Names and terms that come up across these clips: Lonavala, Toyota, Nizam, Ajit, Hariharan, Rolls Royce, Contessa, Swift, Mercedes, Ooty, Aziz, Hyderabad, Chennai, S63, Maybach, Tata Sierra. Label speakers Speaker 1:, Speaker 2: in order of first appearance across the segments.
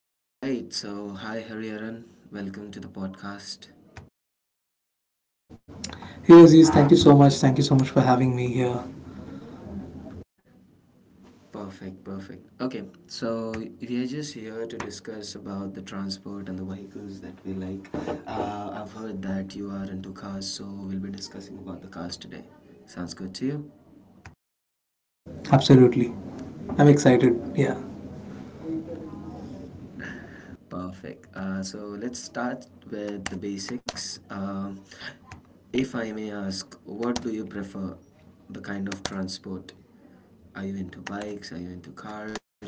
Speaker 1: All right. So, hi, Hariharan. Welcome to the podcast.
Speaker 2: Hey Aziz, thank you so much. Thank you so much for having me here.
Speaker 1: Perfect, perfect. Okay, so we are just here to discuss about the transport and the vehicles that we like. I've heard that you are into cars, so we'll be discussing about the cars today. Sounds good to you?
Speaker 2: Absolutely. I'm excited. Yeah.
Speaker 1: Perfect. So let's start with the basics. If I may ask, what do you prefer? The kind of transport? Are you into bikes? Are you into cars?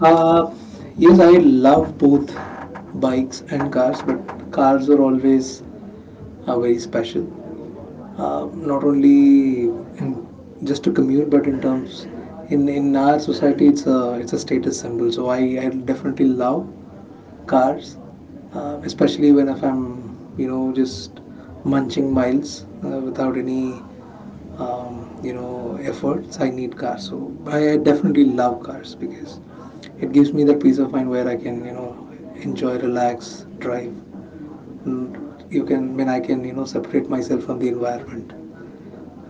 Speaker 2: Uh, yes, I love both bikes and cars, but cars are always very special. Not only in just to commute, but in terms in our society, it's a status symbol. So I definitely love cars, especially when if I'm just munching miles without any efforts. I need cars, so I definitely love cars because it gives me that peace of mind where I can enjoy, relax, drive, and you can when I can separate myself from the environment,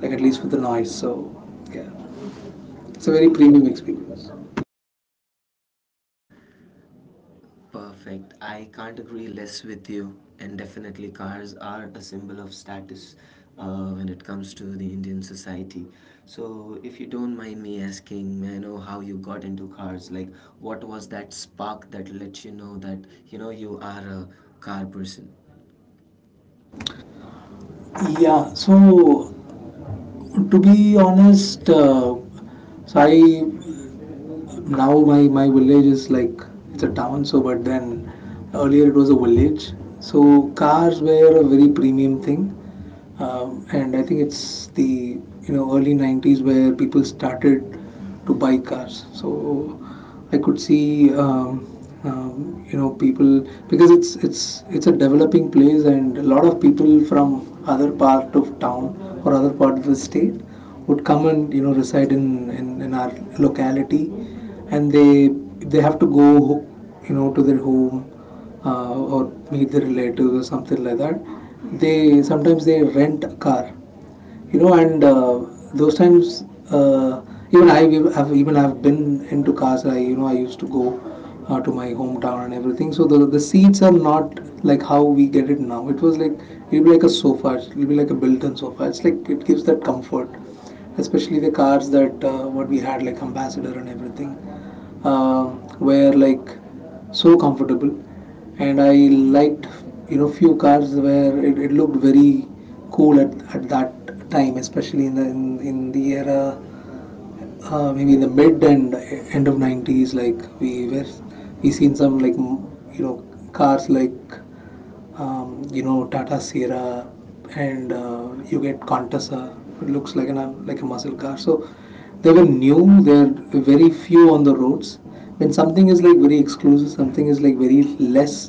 Speaker 2: like at least with the noise. So yeah, it's a very premium experience.
Speaker 1: Perfect. I can't agree less with you. And definitely, cars are a symbol of status when it comes to the Indian society. So, if you don't mind me asking, may I know how you got into cars? Like, what was that spark that let you know that you know you are a car person?
Speaker 2: Yeah, so to be honest, so I now my village is like it's a town, so but then earlier it was a village. So cars were a very premium thing. And I think it's the early 90s where people started to buy cars. So I could see, people, because it's a developing place and a lot of people from other part of town or other part of the state would come and reside in our locality, and they have to go to their home, or meet their relatives or something like that. They sometimes they rent a car and Those times, uh, even I even I've been into cars. I you know I used to go to my hometown and everything. So the seats are not like how we get it now. It was like it'll be like a sofa it'll be like a built-in sofa. It's like it gives that comfort, especially the cars that what we had, like Ambassador and everything, were like so comfortable. And I liked few cars where it looked very cool at that time, especially in the in the era, maybe in the mid and end of 90s. Like we seen some like cars like, Tata Sierra, and you get Contessa. It looks like like a muscle car. So they were new. There are very few on the roads. When something is like very exclusive, something is like very less,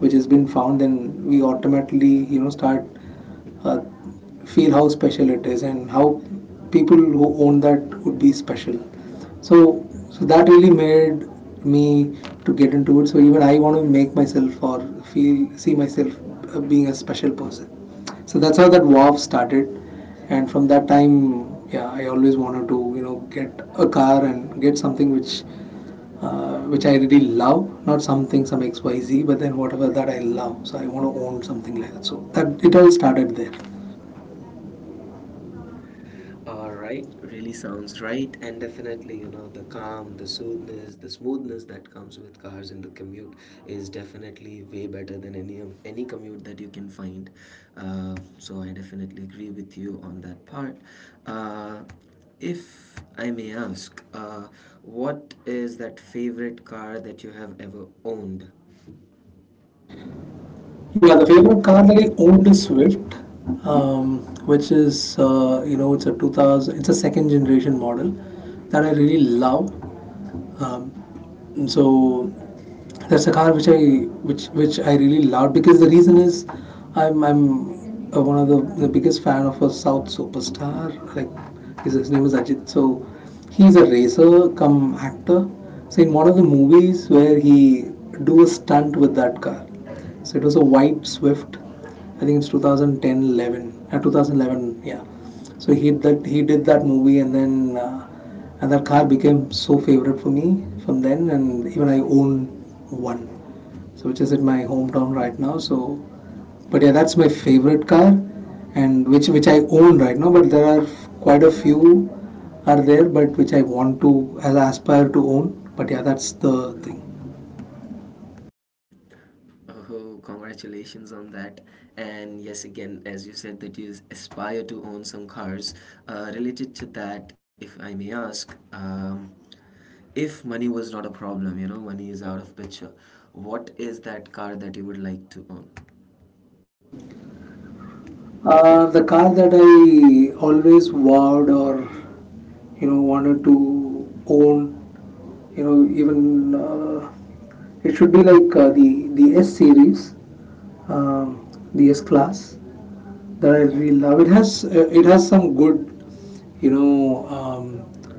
Speaker 2: which has been found, then we automatically start uh, feel how special it is and how people who own that would be special. So, that really made me to get into it. So even I want to make myself or feel see myself being a special person. So that's how that WAV started, and from that time, yeah, I always wanted to get a car and get something which I really love, not something some XYZ, but then whatever that I love. So I want to own something like that. So that it all started there.
Speaker 1: All right, really sounds right, and definitely, you know, the calm, the soothness, the smoothness that comes with cars in the commute is definitely way better than any of any commute that you can find. So I definitely agree with you on that part. Uh, if I may ask, what is that favorite car that you have ever owned?
Speaker 2: Yeah, the favorite car that I owned is Swift, um, which is it's a 2000, it's a second generation model that I really love. Um, so that's a car which I really love, because the reason is I'm one of the biggest fan of a South superstar. Like his name is Ajit. So he's a racer come actor. So in one of the movies where he do a stunt with that car, so it was a white Swift. I think it's 2010 eleven 11 2011, yeah. So he did that movie. And then and that car became so favorite for me from then. And even I own one, which is at my hometown right now. But yeah, that's my favorite car, and which I own right now. But there are quite a few are there but which I want to, as I aspire to own. But yeah, that's the thing.
Speaker 1: Oh, congratulations on that. And yes, again, as you said, that you aspire to own some cars. Related to that, if I may ask, if money was not a problem, you know, money is out of picture, what is that car that you would like to own?
Speaker 2: The car that I always vowed or wanted to own, you know, even it should be like the S series, um, the S class that I really love. It has some good, you know, um,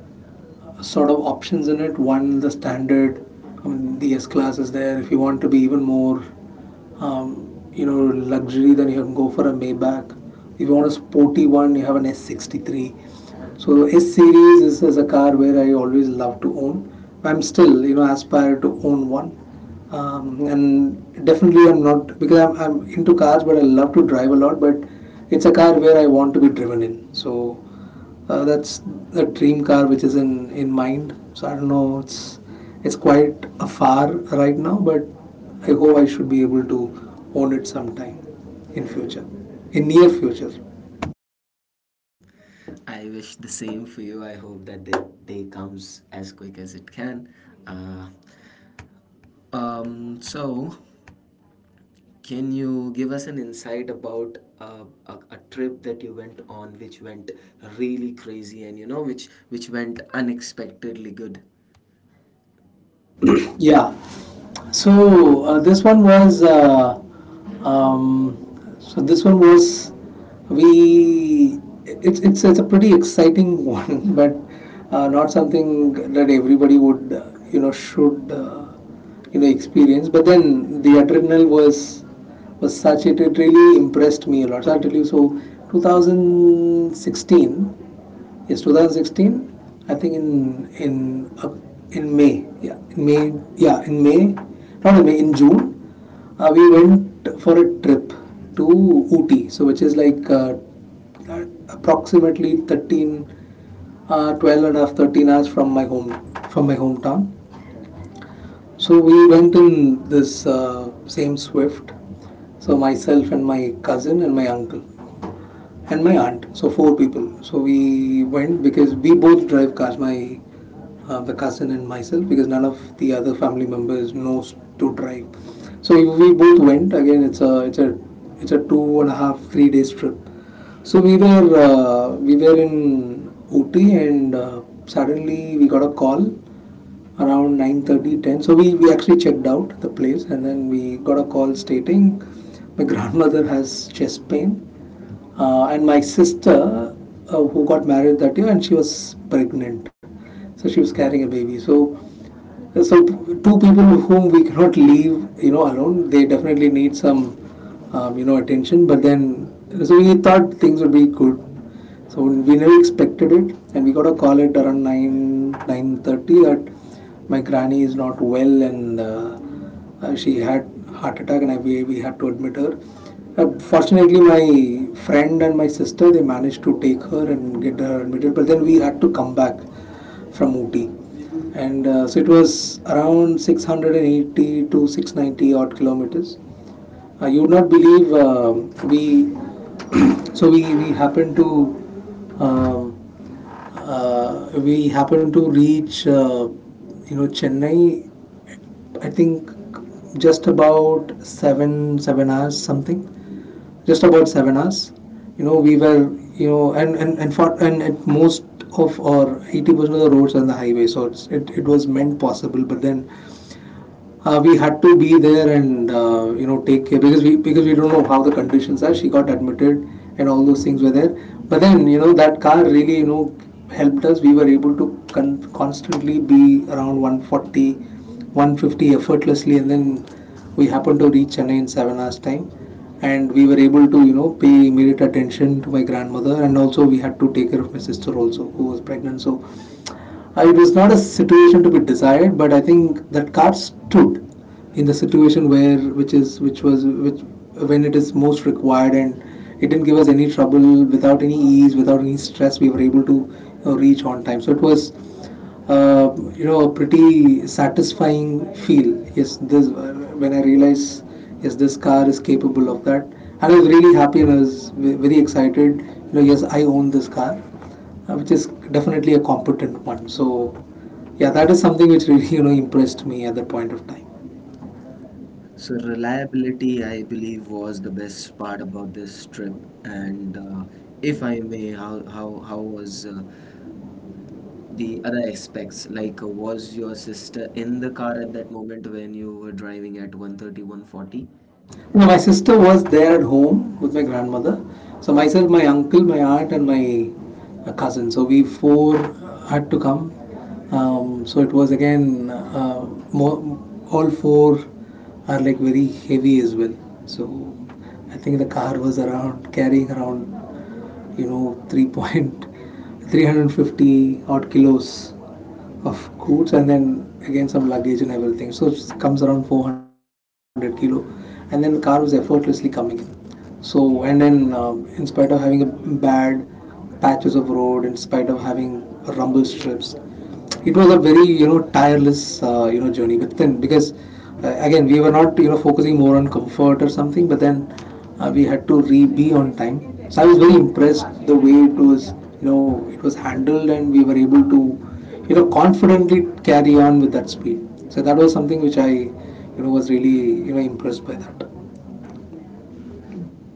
Speaker 2: sort of options in it. One, the standard, I mean, the S class is there. If you want to be even more, luxury, then you can go for a Maybach. If you want a sporty one, you have an S63. So S series is a car where I always love to own. I'm still, aspire to own one. And definitely, I'm not because I'm into cars, but I love to drive a lot. But it's a car where I want to be driven in. So that's the dream car which is in mind. So I don't know. It's quite a far right now, but I hope I should be able to own it sometime in future, in near future.
Speaker 1: I wish the same for you. I hope that the day comes as quick as it can. Uh, um, so, Can you give us an insight about a trip that you went on, which went really crazy, and you know, which went unexpectedly good?
Speaker 2: Yeah. So uh, this one was uh, um, so this one was we It's a pretty exciting one, but not something that everybody would should experience. But then the adrenaline was such it really impressed me a lot. So I'll tell you. So 2016. Yes, 2016. I think in uh, in May. Yeah, in May. Yeah, in May. Not in May. In June, we went for a trip to Ooty. So which is like uh, approximately 13, 12 and a half, 13 hours from my home from my hometown. So we went in this same Swift. So myself and my cousin and my uncle and my aunt. So 4 people. So we went because we both drive cars. My the cousin and myself, because none of the other family members knows to drive. So we both went. Again, it's a two and a half, 3 days trip. So we were in Ooty, and suddenly we got a call around 9:30, ten. So we actually checked out the place, and then we got a call stating my grandmother has chest pain. And my sister, who got married that year and she was pregnant. So she was carrying a baby. So two people whom we cannot leave, you know, alone. They definitely need some, attention. But then, so we thought things would be good. So we never expected it, and we got a call at around nine nine thirty that my granny is not well, and she had heart attack, and we had to admit her. Fortunately, my friend and my sister they managed to take her and get her admitted. But then we had to come back from Ooty. And so it was around 680 to 690 odd kilometers. You would not believe, we. so we we happened to um we happened to reach Chennai. I think just about seven seven hours something, just about 7 hours. You know, we were, for, and at most of or 80% of the roads on the highway, so it was meant possible, but then we had to be there and take care, because we don't know how the conditions are. She got admitted and all those things were there. But then that car really helped us. We were able to constantly be around 140, 150 effortlessly, and then we happened to reach Chennai in 7 hours time. And we were able to, pay immediate attention to my grandmother, and also we had to take care of my sister also, who was pregnant. So it was not a situation to be desired, but I think that card stood in the situation where which is which was which when it is most required, and it didn't give us any trouble. Without any ease, without any stress, we were able to reach on time, so it was a pretty satisfying feel. Yes, this when I realized, yes, this car is capable of that, and I was really happy, and I was very excited. Yes, I own this car, which is definitely a competent one. So yeah, that is something which really impressed me at that point of time.
Speaker 1: So reliability, I believe, was the best part about this trip. And if I may, how was the other aspects? Like, was your sister in the car at that moment when you were driving at one thirty one forty?
Speaker 2: My sister was there at home with my grandmother, so myself, my uncle, my aunt, and my cousin, so we four had to come. So it was, again, more, all four are like very heavy as well. So I think the car was around carrying around you know 3 point 350 odd kilos of goods, and then again some luggage and everything. So it comes around 400 kilo, and then the car was effortlessly coming in. So, and then, in spite of having a bad patches of road, in spite of having rumble strips, it was a very tireless, journey. But then, because, again we were not focusing more on comfort or something. But then, we had to re be on time. So I was very impressed the way it was, it was handled, and we were able to confidently carry on with that speed. So that was something which I, was really impressed by that.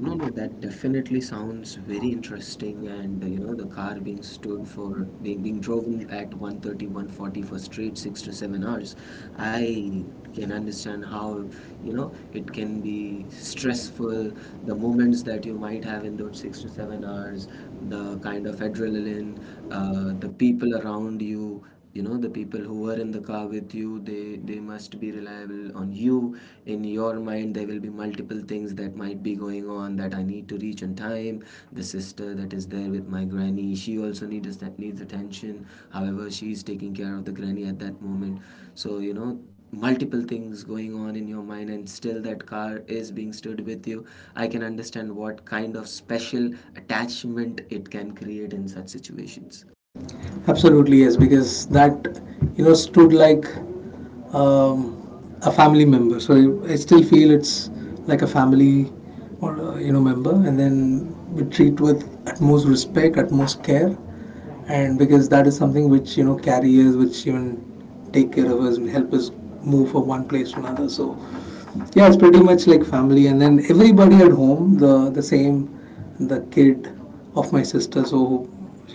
Speaker 1: No, no, that definitely sounds very interesting. And you know, the car being stood for being driven at 130, 140 for straight 6 to 7 hours, I can understand how you know it can be stressful. The moments that you might have in those 6 to 7 hours, the kind of adrenaline, the people around you, you know, the people who were in the car with you, they must be reliable on you. In your mind, there will be multiple things that might be going on, that I need to reach on time. The sister that is there with my granny, she also needs that, needs attention. However, she is taking care of the granny at that moment. So, you know, multiple things going on in your mind, and still that car is being stood with you. I can understand what kind of special attachment it can create in such situations.
Speaker 2: Absolutely, yes, because that stood like um, a family member. So I still feel it's like a family or a, member, and then we treat with utmost respect, utmost care, and because that is something which carriers, which even take care of us and help us move from one place to another. So yeah, it's pretty much like family, and then everybody at home, the same, the kid of my sister, so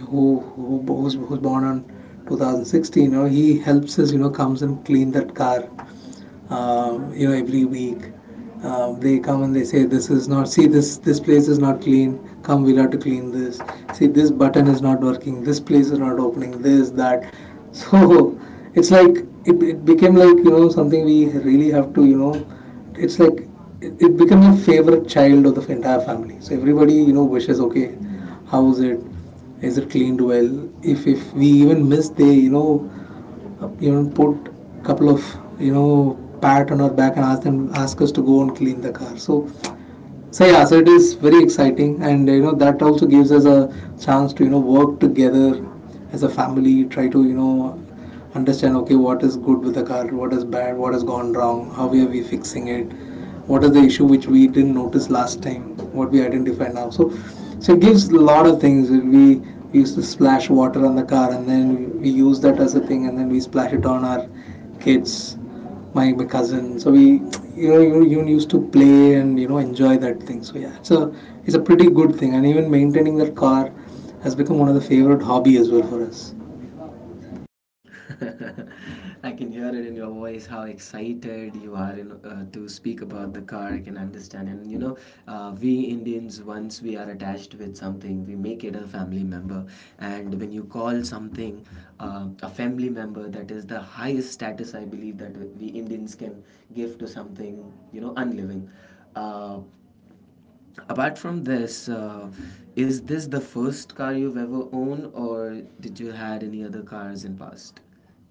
Speaker 2: who's born on 2016, he helps us, comes and clean that car every week. They come and they say, "This is not. See, this place is not clean. Come, we'll have to clean this. See, this button is not working. This place is not opening. This that." So it's like it became like something we really have to. It's like it became a favorite child of the entire family. So everybody wishes, "Okay, how is it? Is it cleaned well? If we even miss, they." Even put a couple of pat on our back and ask them ask us to go and clean the car. So, yeah, so it is very exciting, and that also gives us a chance to work together as a family, try to understand, okay, what is good with the car, what is bad, what has gone wrong, how are we fixing it, what is the issue which we didn't notice last time, what we identify now. So it gives a lot of things. We used to splash water on the car, and then we use that as a thing, and then we splash it on our kids, my cousin. So we, you used to play and enjoy that thing. So yeah, it's a pretty good thing, and even maintaining that car has become one of the favorite hobby as well for us.
Speaker 1: I can hear it in your voice how excited you are to speak about the car. I can understand. And you know, we Indians, once we are attached with something, we make it a family member. And when you call something a family member, that is the highest status I believe that we Indians can give to something, you know, unliving. Uh, Apart from this, is this the first car you've ever owned, or did you had any other cars in past,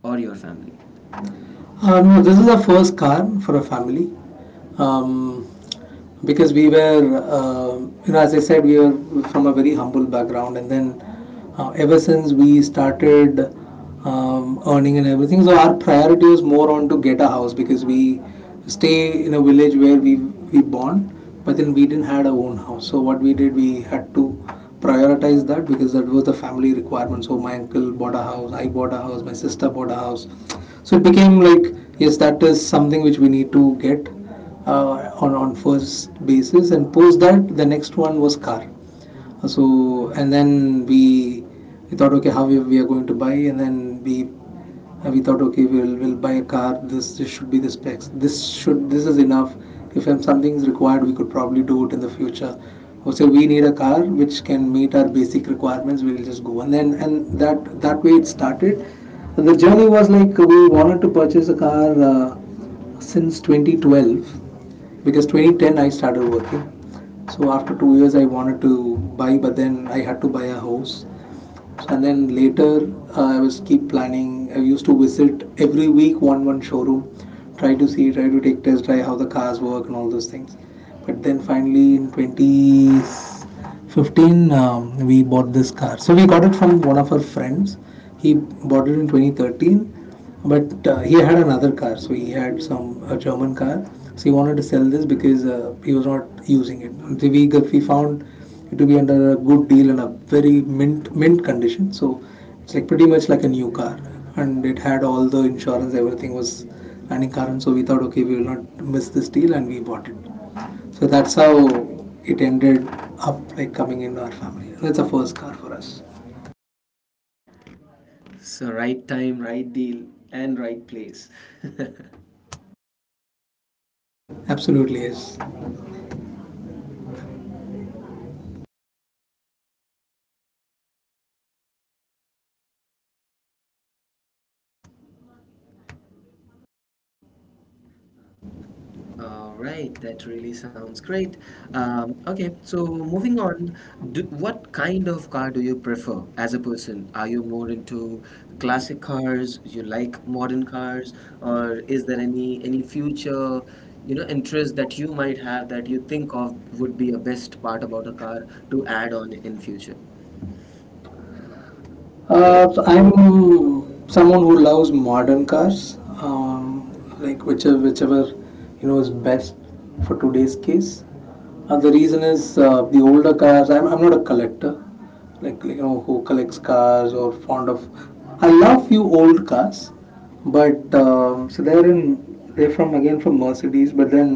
Speaker 1: or your family?
Speaker 2: No, this is the first car for a family, um, because we were, as I said, we were from a very humble background. And then, ever since we started earning and everything, so our priority was more on to get a house, because we stay in a village where we born, but then we didn't had our own house. So what we did, we had to prioritize that, because that was the family requirement. So my uncle bought a house, I bought a house, my sister bought a house, so it became like, yes, that is something which we need to get on first basis, and post that, the next one was car. So, and then we thought, okay, how we are going to buy, and then we thought, okay, we'll buy a car, this should be the specs, this is enough, if something is required, we could probably do it in the future, or say we need a car which can meet our basic requirements, we'll just go. And then and that that way it started. The journey was like we wanted to purchase a car since 2012, because 2010 I started working, so after 2 years I wanted to buy, but then I had to buy a house. And then later, I was keep planning. I used to visit every week one showroom, try to see, try to take test, try how the cars work, and all those things. But then finally in 20 2015, we bought this car. So we got it from one of our friends. He bought it in 2013, but he had another car, so he had some a German car, so he wanted to sell this, because he was not using it. So we found it to be under a good deal and a very mint condition. So it's like pretty much like a new car, and it had all the insurance, everything was running current, so we thought, okay, we will not miss this deal, and we bought it. So that's how it ended up like coming into our family. That's a first car for us.
Speaker 1: So right time, right deal, and right place.
Speaker 2: Absolutely is.
Speaker 1: All right, that really sounds great. Okay, so moving on, what kind of car do you prefer as a person? Are you more into classic cars? You like modern cars, or is there any future, you know, interest that you might have that you think of would be a best part about a car to add on in future?
Speaker 2: So I'm someone who loves modern cars, like whichever is best for today's case. The reason is the older cars. I'm not a collector, like who collects cars or fond of. I love few old cars, but so they're from, again, from Mercedes, but then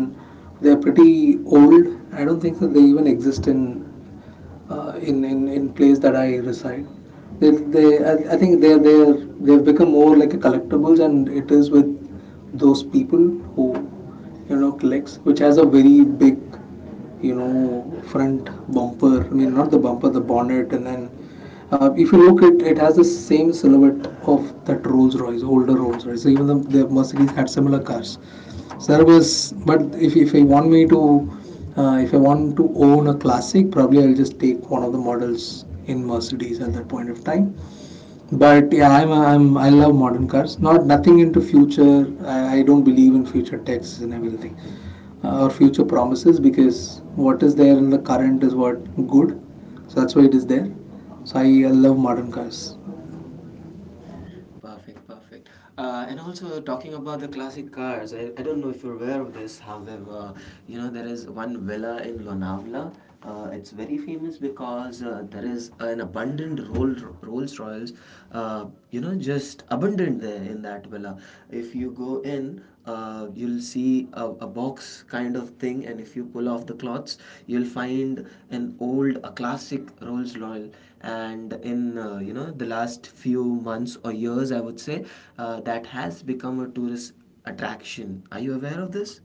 Speaker 2: they're pretty old. I don't think that they even exist in in place that I reside. They I think they've become more like a collectibles, and it is with those people who collects, which has a very big front bumper. I mean, not the bumper, the bonnet. And then if you look at it, it has the same silhouette of that Rolls Royce, older Rolls Royce. So even the Mercedes had similar cars. Service. But if I want me to, if I want to own a classic, probably I'll just take one of the models in Mercedes at that point of time. But yeah, I love modern cars. Nothing into future. I don't believe in future techs and everything, or future promises, because what is there in the current is what good. So that's why it is there. So I love modern cars.
Speaker 1: Perfect, perfect. And also talking about the classic cars, I don't know if you're aware of this. However, you know there is one villa in Lonavala. It's very famous because there is an abundant Rolls Royals, you know, just abundant there in that villa. If you go in, you'll see a box kind of thing, and if you pull off the cloths, you'll find an old a classic Rolls Royce. And in you know, the last few months or years, I would say, that has become a tourist attraction. Are you aware of this?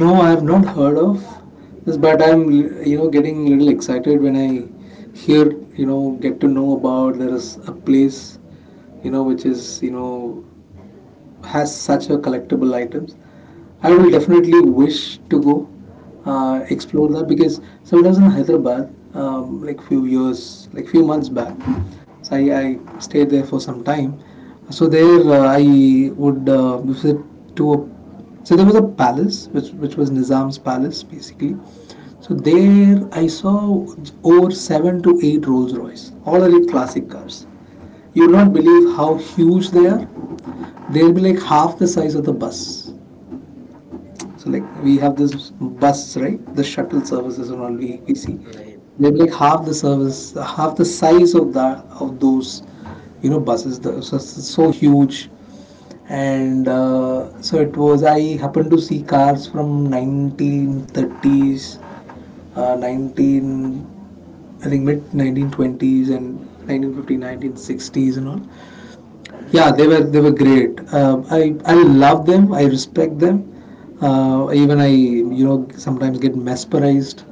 Speaker 2: No, I have not heard of this, but I'm getting a little excited when I hear, get to know about there is a place which is has such a collectible items. I will definitely wish to go explore that. Because so when I was in Hyderabad, like few years, like few months back. So I stayed there for some time. So there I would visit to a. So there was a palace which was Nizam's palace, basically. So there I saw over seven to eight Rolls Royce, all are like classic cars. You will not believe how huge they are. They'll be like half the size of the bus. So like we have this bus, right? The shuttle services and all we see.
Speaker 1: Right.
Speaker 2: They'll be like half the service, half the size of that of those, buses. So, huge. And so it was I happened to see cars from 1930s, 19 I think mid 1920s, and 1950s, 1960s, and all. Yeah, they were great. I love them. I respect them. Even I, sometimes get mesmerized,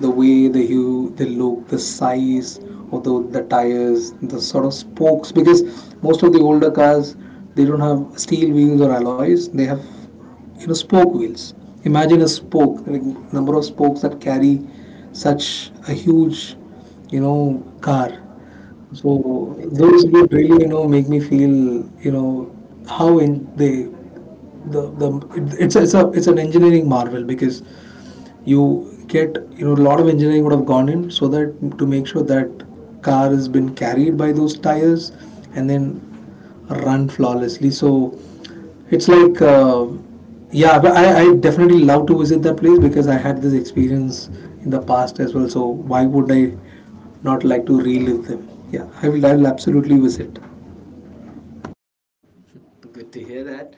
Speaker 2: the way the hue, the look, the size of the tires, the sort of spokes. Because most of the older cars, they don't have steel wheels or alloys. They have spoke wheels. Imagine a spoke, like number of spokes that carry such a huge car. So those
Speaker 1: Exactly.
Speaker 2: would really, make me feel, how in they the it- it's an engineering marvel, because you get a lot of engineering would have gone in, so that to make sure that car has been carried by those tires, and then run flawlessly. So it's like, yeah, but I definitely love to visit that place, because I had this experience in the past as well. So why would I not like to relive them? Yeah, I will absolutely visit.
Speaker 1: Good to hear that.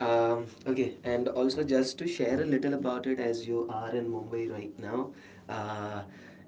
Speaker 1: Okay, and also just to share a little about it as you are in Mumbai right now. Uh,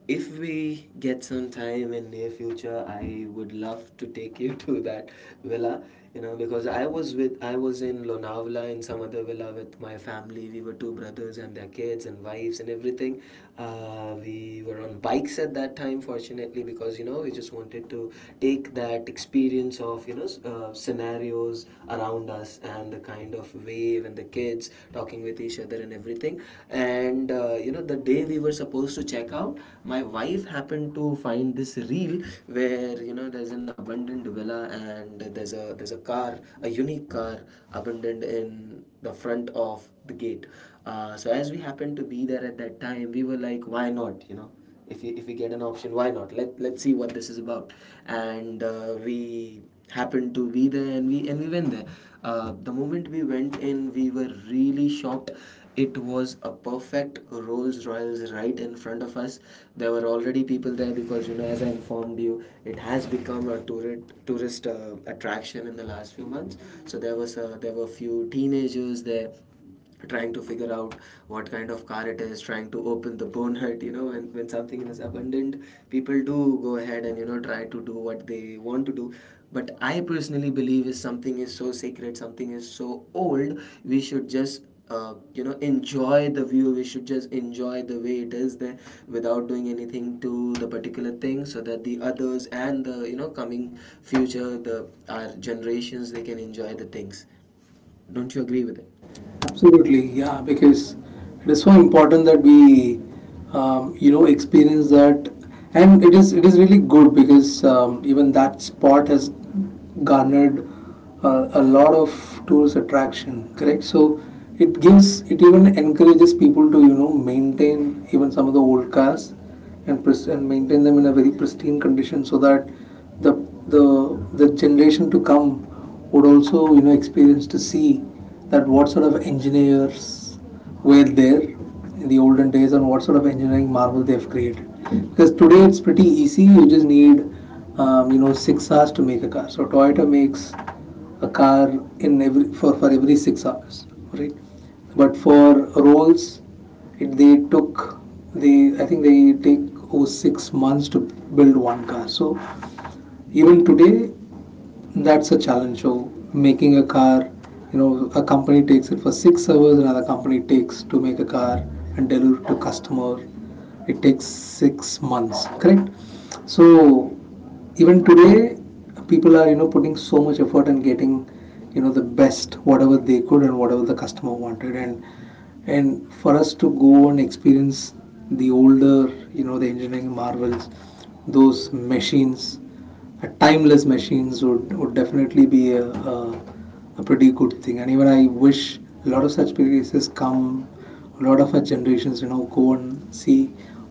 Speaker 1: if we get some time in near future, I would love to take you to that villa. You know, because I was in Lonavala in some other villa with my family. We were two brothers and their kids and wives and everything. We were on bikes at that time, fortunately, because you know we just wanted to take that experience of you know scenarios around us and the kind of wave and the kids talking with each other and everything. And you know, the day we were supposed to check out, my wife happened to find this reel where you know there's an abandoned villa, and there's a car, a unique car abandoned in the front of the gate. So as we happened to be there at that time, we were like why not, you know, if we get an option, why not, let's see what this is about. And we happened to be there, and we went there. The moment we went in, we were really shocked. It was a perfect Rolls Royals right in front of us. There were already people there because, you know, as I informed you, it has become a tourist attraction in the last few months. So there were a few teenagers there, trying to figure out what kind of car it is, trying to open the bonnet. You know, when something is abundant, people do go ahead and, you know, try to do what they want to do. But I personally believe if something is so sacred, something is so old, we should just, you know, enjoy the view. We should just enjoy the way it is there without doing anything to the particular thing, so that the others and the, you know, coming future, the our generations, they can enjoy the things. Don't you agree with it?
Speaker 2: Absolutely, yeah, because it is so important that we, experience that, and it is really good, because even that spot has garnered a lot of tourist attraction. Correct, so it gives it even encourages people to you know maintain even some of the old cars and maintain them in a very pristine condition so that the the the generation to come would also you know experience to see that what sort of engineers were there in the olden days and what sort of engineering marvel they've created because today it's pretty easy. You just need you know 6 hours to make a car. So Toyota makes a car in every for every 6 hours, right? But for Rolls, they took, they I think they take over 6 months to build one car. So even today that's a challenge. So making a car, you know, a company takes it for 6 hours, another company takes to make a car and deliver to customer. It takes 6 months, correct? So even today, people are you know putting so much effort and getting you know the best whatever they could and whatever the customer wanted, and for us to go and experience the older you know the engineering marvels, those machines, timeless machines would definitely be a pretty good thing. And even I wish a lot of such places come, a lot of our generations, you know, go and see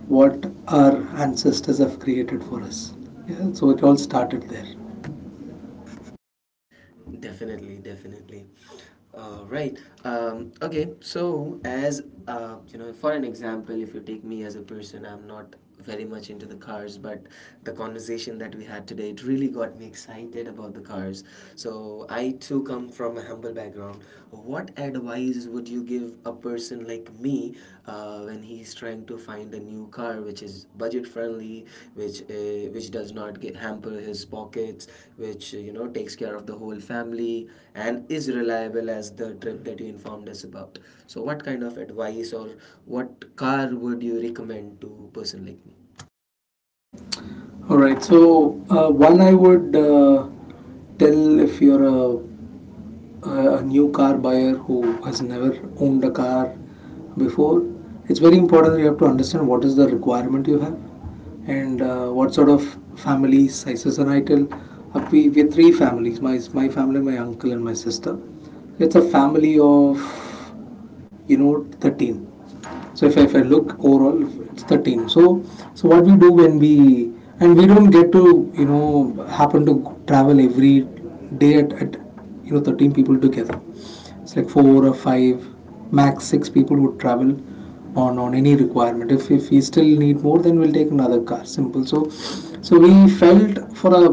Speaker 2: what our ancestors have created for us. Yeah, so it all started there.
Speaker 1: Definitely, definitely. Right. Okay. So, as you know, for an example, if you take me as a person, I'm not very much into the cars, but the conversation that we had today, it really got me excited about the cars. So, I too come from a humble background. What advice would you give a person like me, when he's trying to find a new car which is budget friendly, which does not get hamper his pockets, which you know, takes care of the whole family and is reliable as the trip that you informed us about? So what kind of advice or what car would you recommend to a person like me?
Speaker 2: All right. So one I would tell if you're a new car buyer who has never owned a car before, it's very important that you have to understand what is the requirement you have, and what sort of family sizes are ideal. We three families: my family, my uncle, and my sister. It's a family of, you know, 13. So if I look overall, it's 13. So so what we do when we, and we don't get to you know happen to travel every day at you know 13 people together. It's like four or five, max six people would travel on any requirement. If we still need more, then we'll take another car. Simple. So so we felt for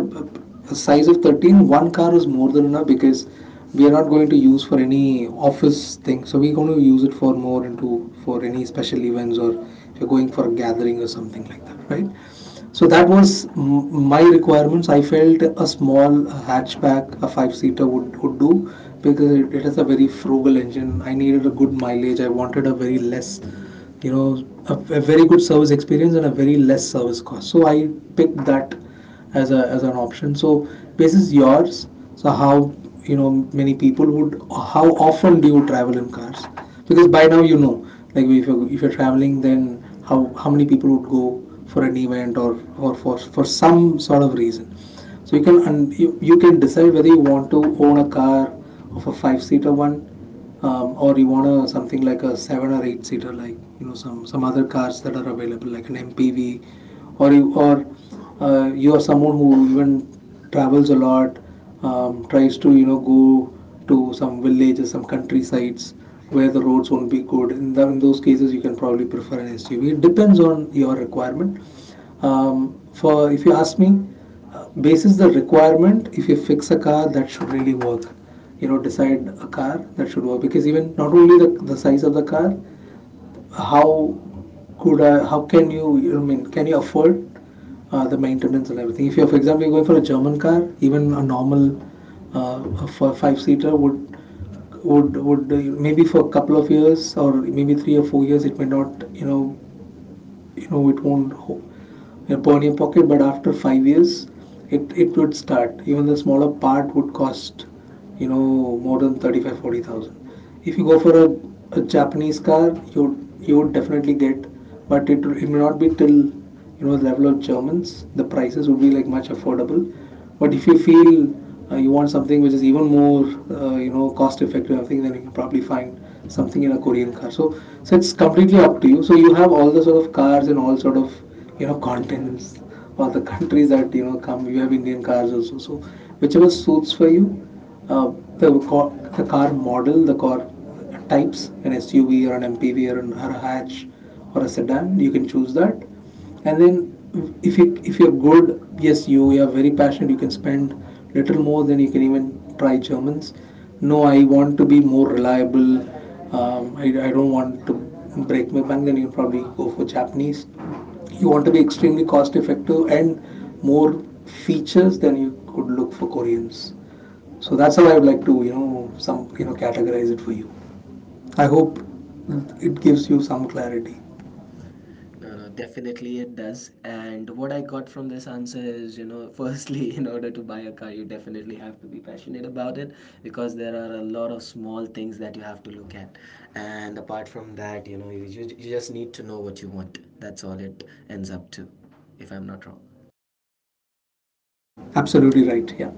Speaker 2: a size of 13, one car was more than enough because we are not going to use for any office thing. So we're going to use it for more into for any special events or if you're going for a gathering or something like that, right? So that was my requirements. I felt a small hatchback, a five-seater would do because it is a very frugal engine. I needed a good mileage. I wanted a very less, you know, a very good service experience and a very less service cost. So I picked that as an option. So this is yours. So how you know many people would, how often do you travel in cars? Because by now you know, like if you're traveling, then how many people would go for an event or for some sort of reason. So you can, and you can decide whether you want to own a car of a five seater one, or you want a, something like a seven or eight seater, like you know some other cars that are available, like an MPV, or you are someone who even travels a lot, tries to you know go to some villages, some countrysides where the roads won't be good. In those cases, you can probably prefer an SUV. It depends on your requirement. For if you ask me, basis the requirement. If you fix a car, that should really work. You know, decide a car that should work because even not only the size of the car, how how can you, you know, I mean, can you afford the maintenance and everything? If you for example, you're going for a German car, even a normal for five seater would maybe for a couple of years or maybe 3 or 4 years it may not you know it won't ho- burn your pocket. But after 5 years it would start. Even the smaller part would cost you know more than 35, 40,000. If you go for a Japanese car, you would definitely get, but it may not be till you know the level of Germans. The prices would be like much affordable. But if you feel you want something which is even more you know cost effective, I think then you can probably find something in a Korean car. So so it's completely up to you. So you have all the sort of cars and all sort of you know continents or the countries that you know come. You have Indian cars also. So whichever suits for you uh, car, the car model, the car types, an SUV or an MPV or a hatch or a sedan, you can choose that. And then if you're good, yes, you are very passionate, you can spend little more. Then you can even try Germans. No, I want to be more reliable. I don't want to break my bank. Then you probably go for Japanese. You want to be extremely cost effective and more features than you could look for Koreans. So that's how I would like to, you know, some you know categorize it for you. I hope it gives you some clarity.
Speaker 1: No, no, definitely it does. And what I got from this answer is, you know, firstly, in order to buy a car, you definitely have to be passionate about it because there are a lot of small things that you have to look at. And apart from that, you know, you just need to know what you want. That's all it ends up to, if I'm not wrong.
Speaker 2: Absolutely right. Yeah,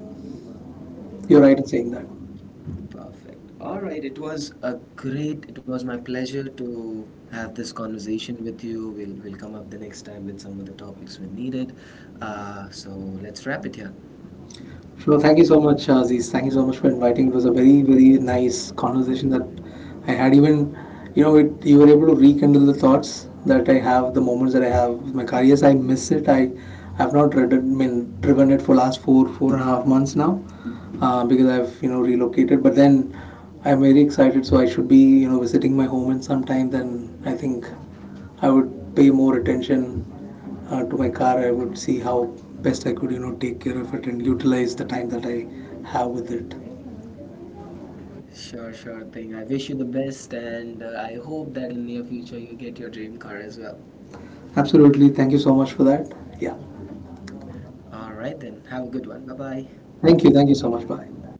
Speaker 2: you're right in saying that.
Speaker 1: Perfect. All right. It was my pleasure to have this conversation with you. We'll come up the next time with some of the topics when needed. So let's wrap it here.
Speaker 2: Sure. Thank you so much, Aziz. Thank you so much for inviting. It was a very, very nice conversation that I had. Even, you know, it, you were able to rekindle the thoughts that I have, the moments that I have with my car. Yes, I miss it. I, have not read it, I mean, driven it for last four and a half months now, because I've you know relocated. But then, I'm very excited. So I should be you know visiting my home in some time. Then I think I would pay more attention to my car. I would see how best I could, you know, take care of it and utilize the time that I have with it.
Speaker 1: Sure, sure thing. I wish you the best, and I hope that in near future you get your dream car as well.
Speaker 2: Absolutely. Thank you so much for that. Yeah.
Speaker 1: All right then. Have a good one. Bye bye.
Speaker 2: Thank you. Thank you so much. Bye.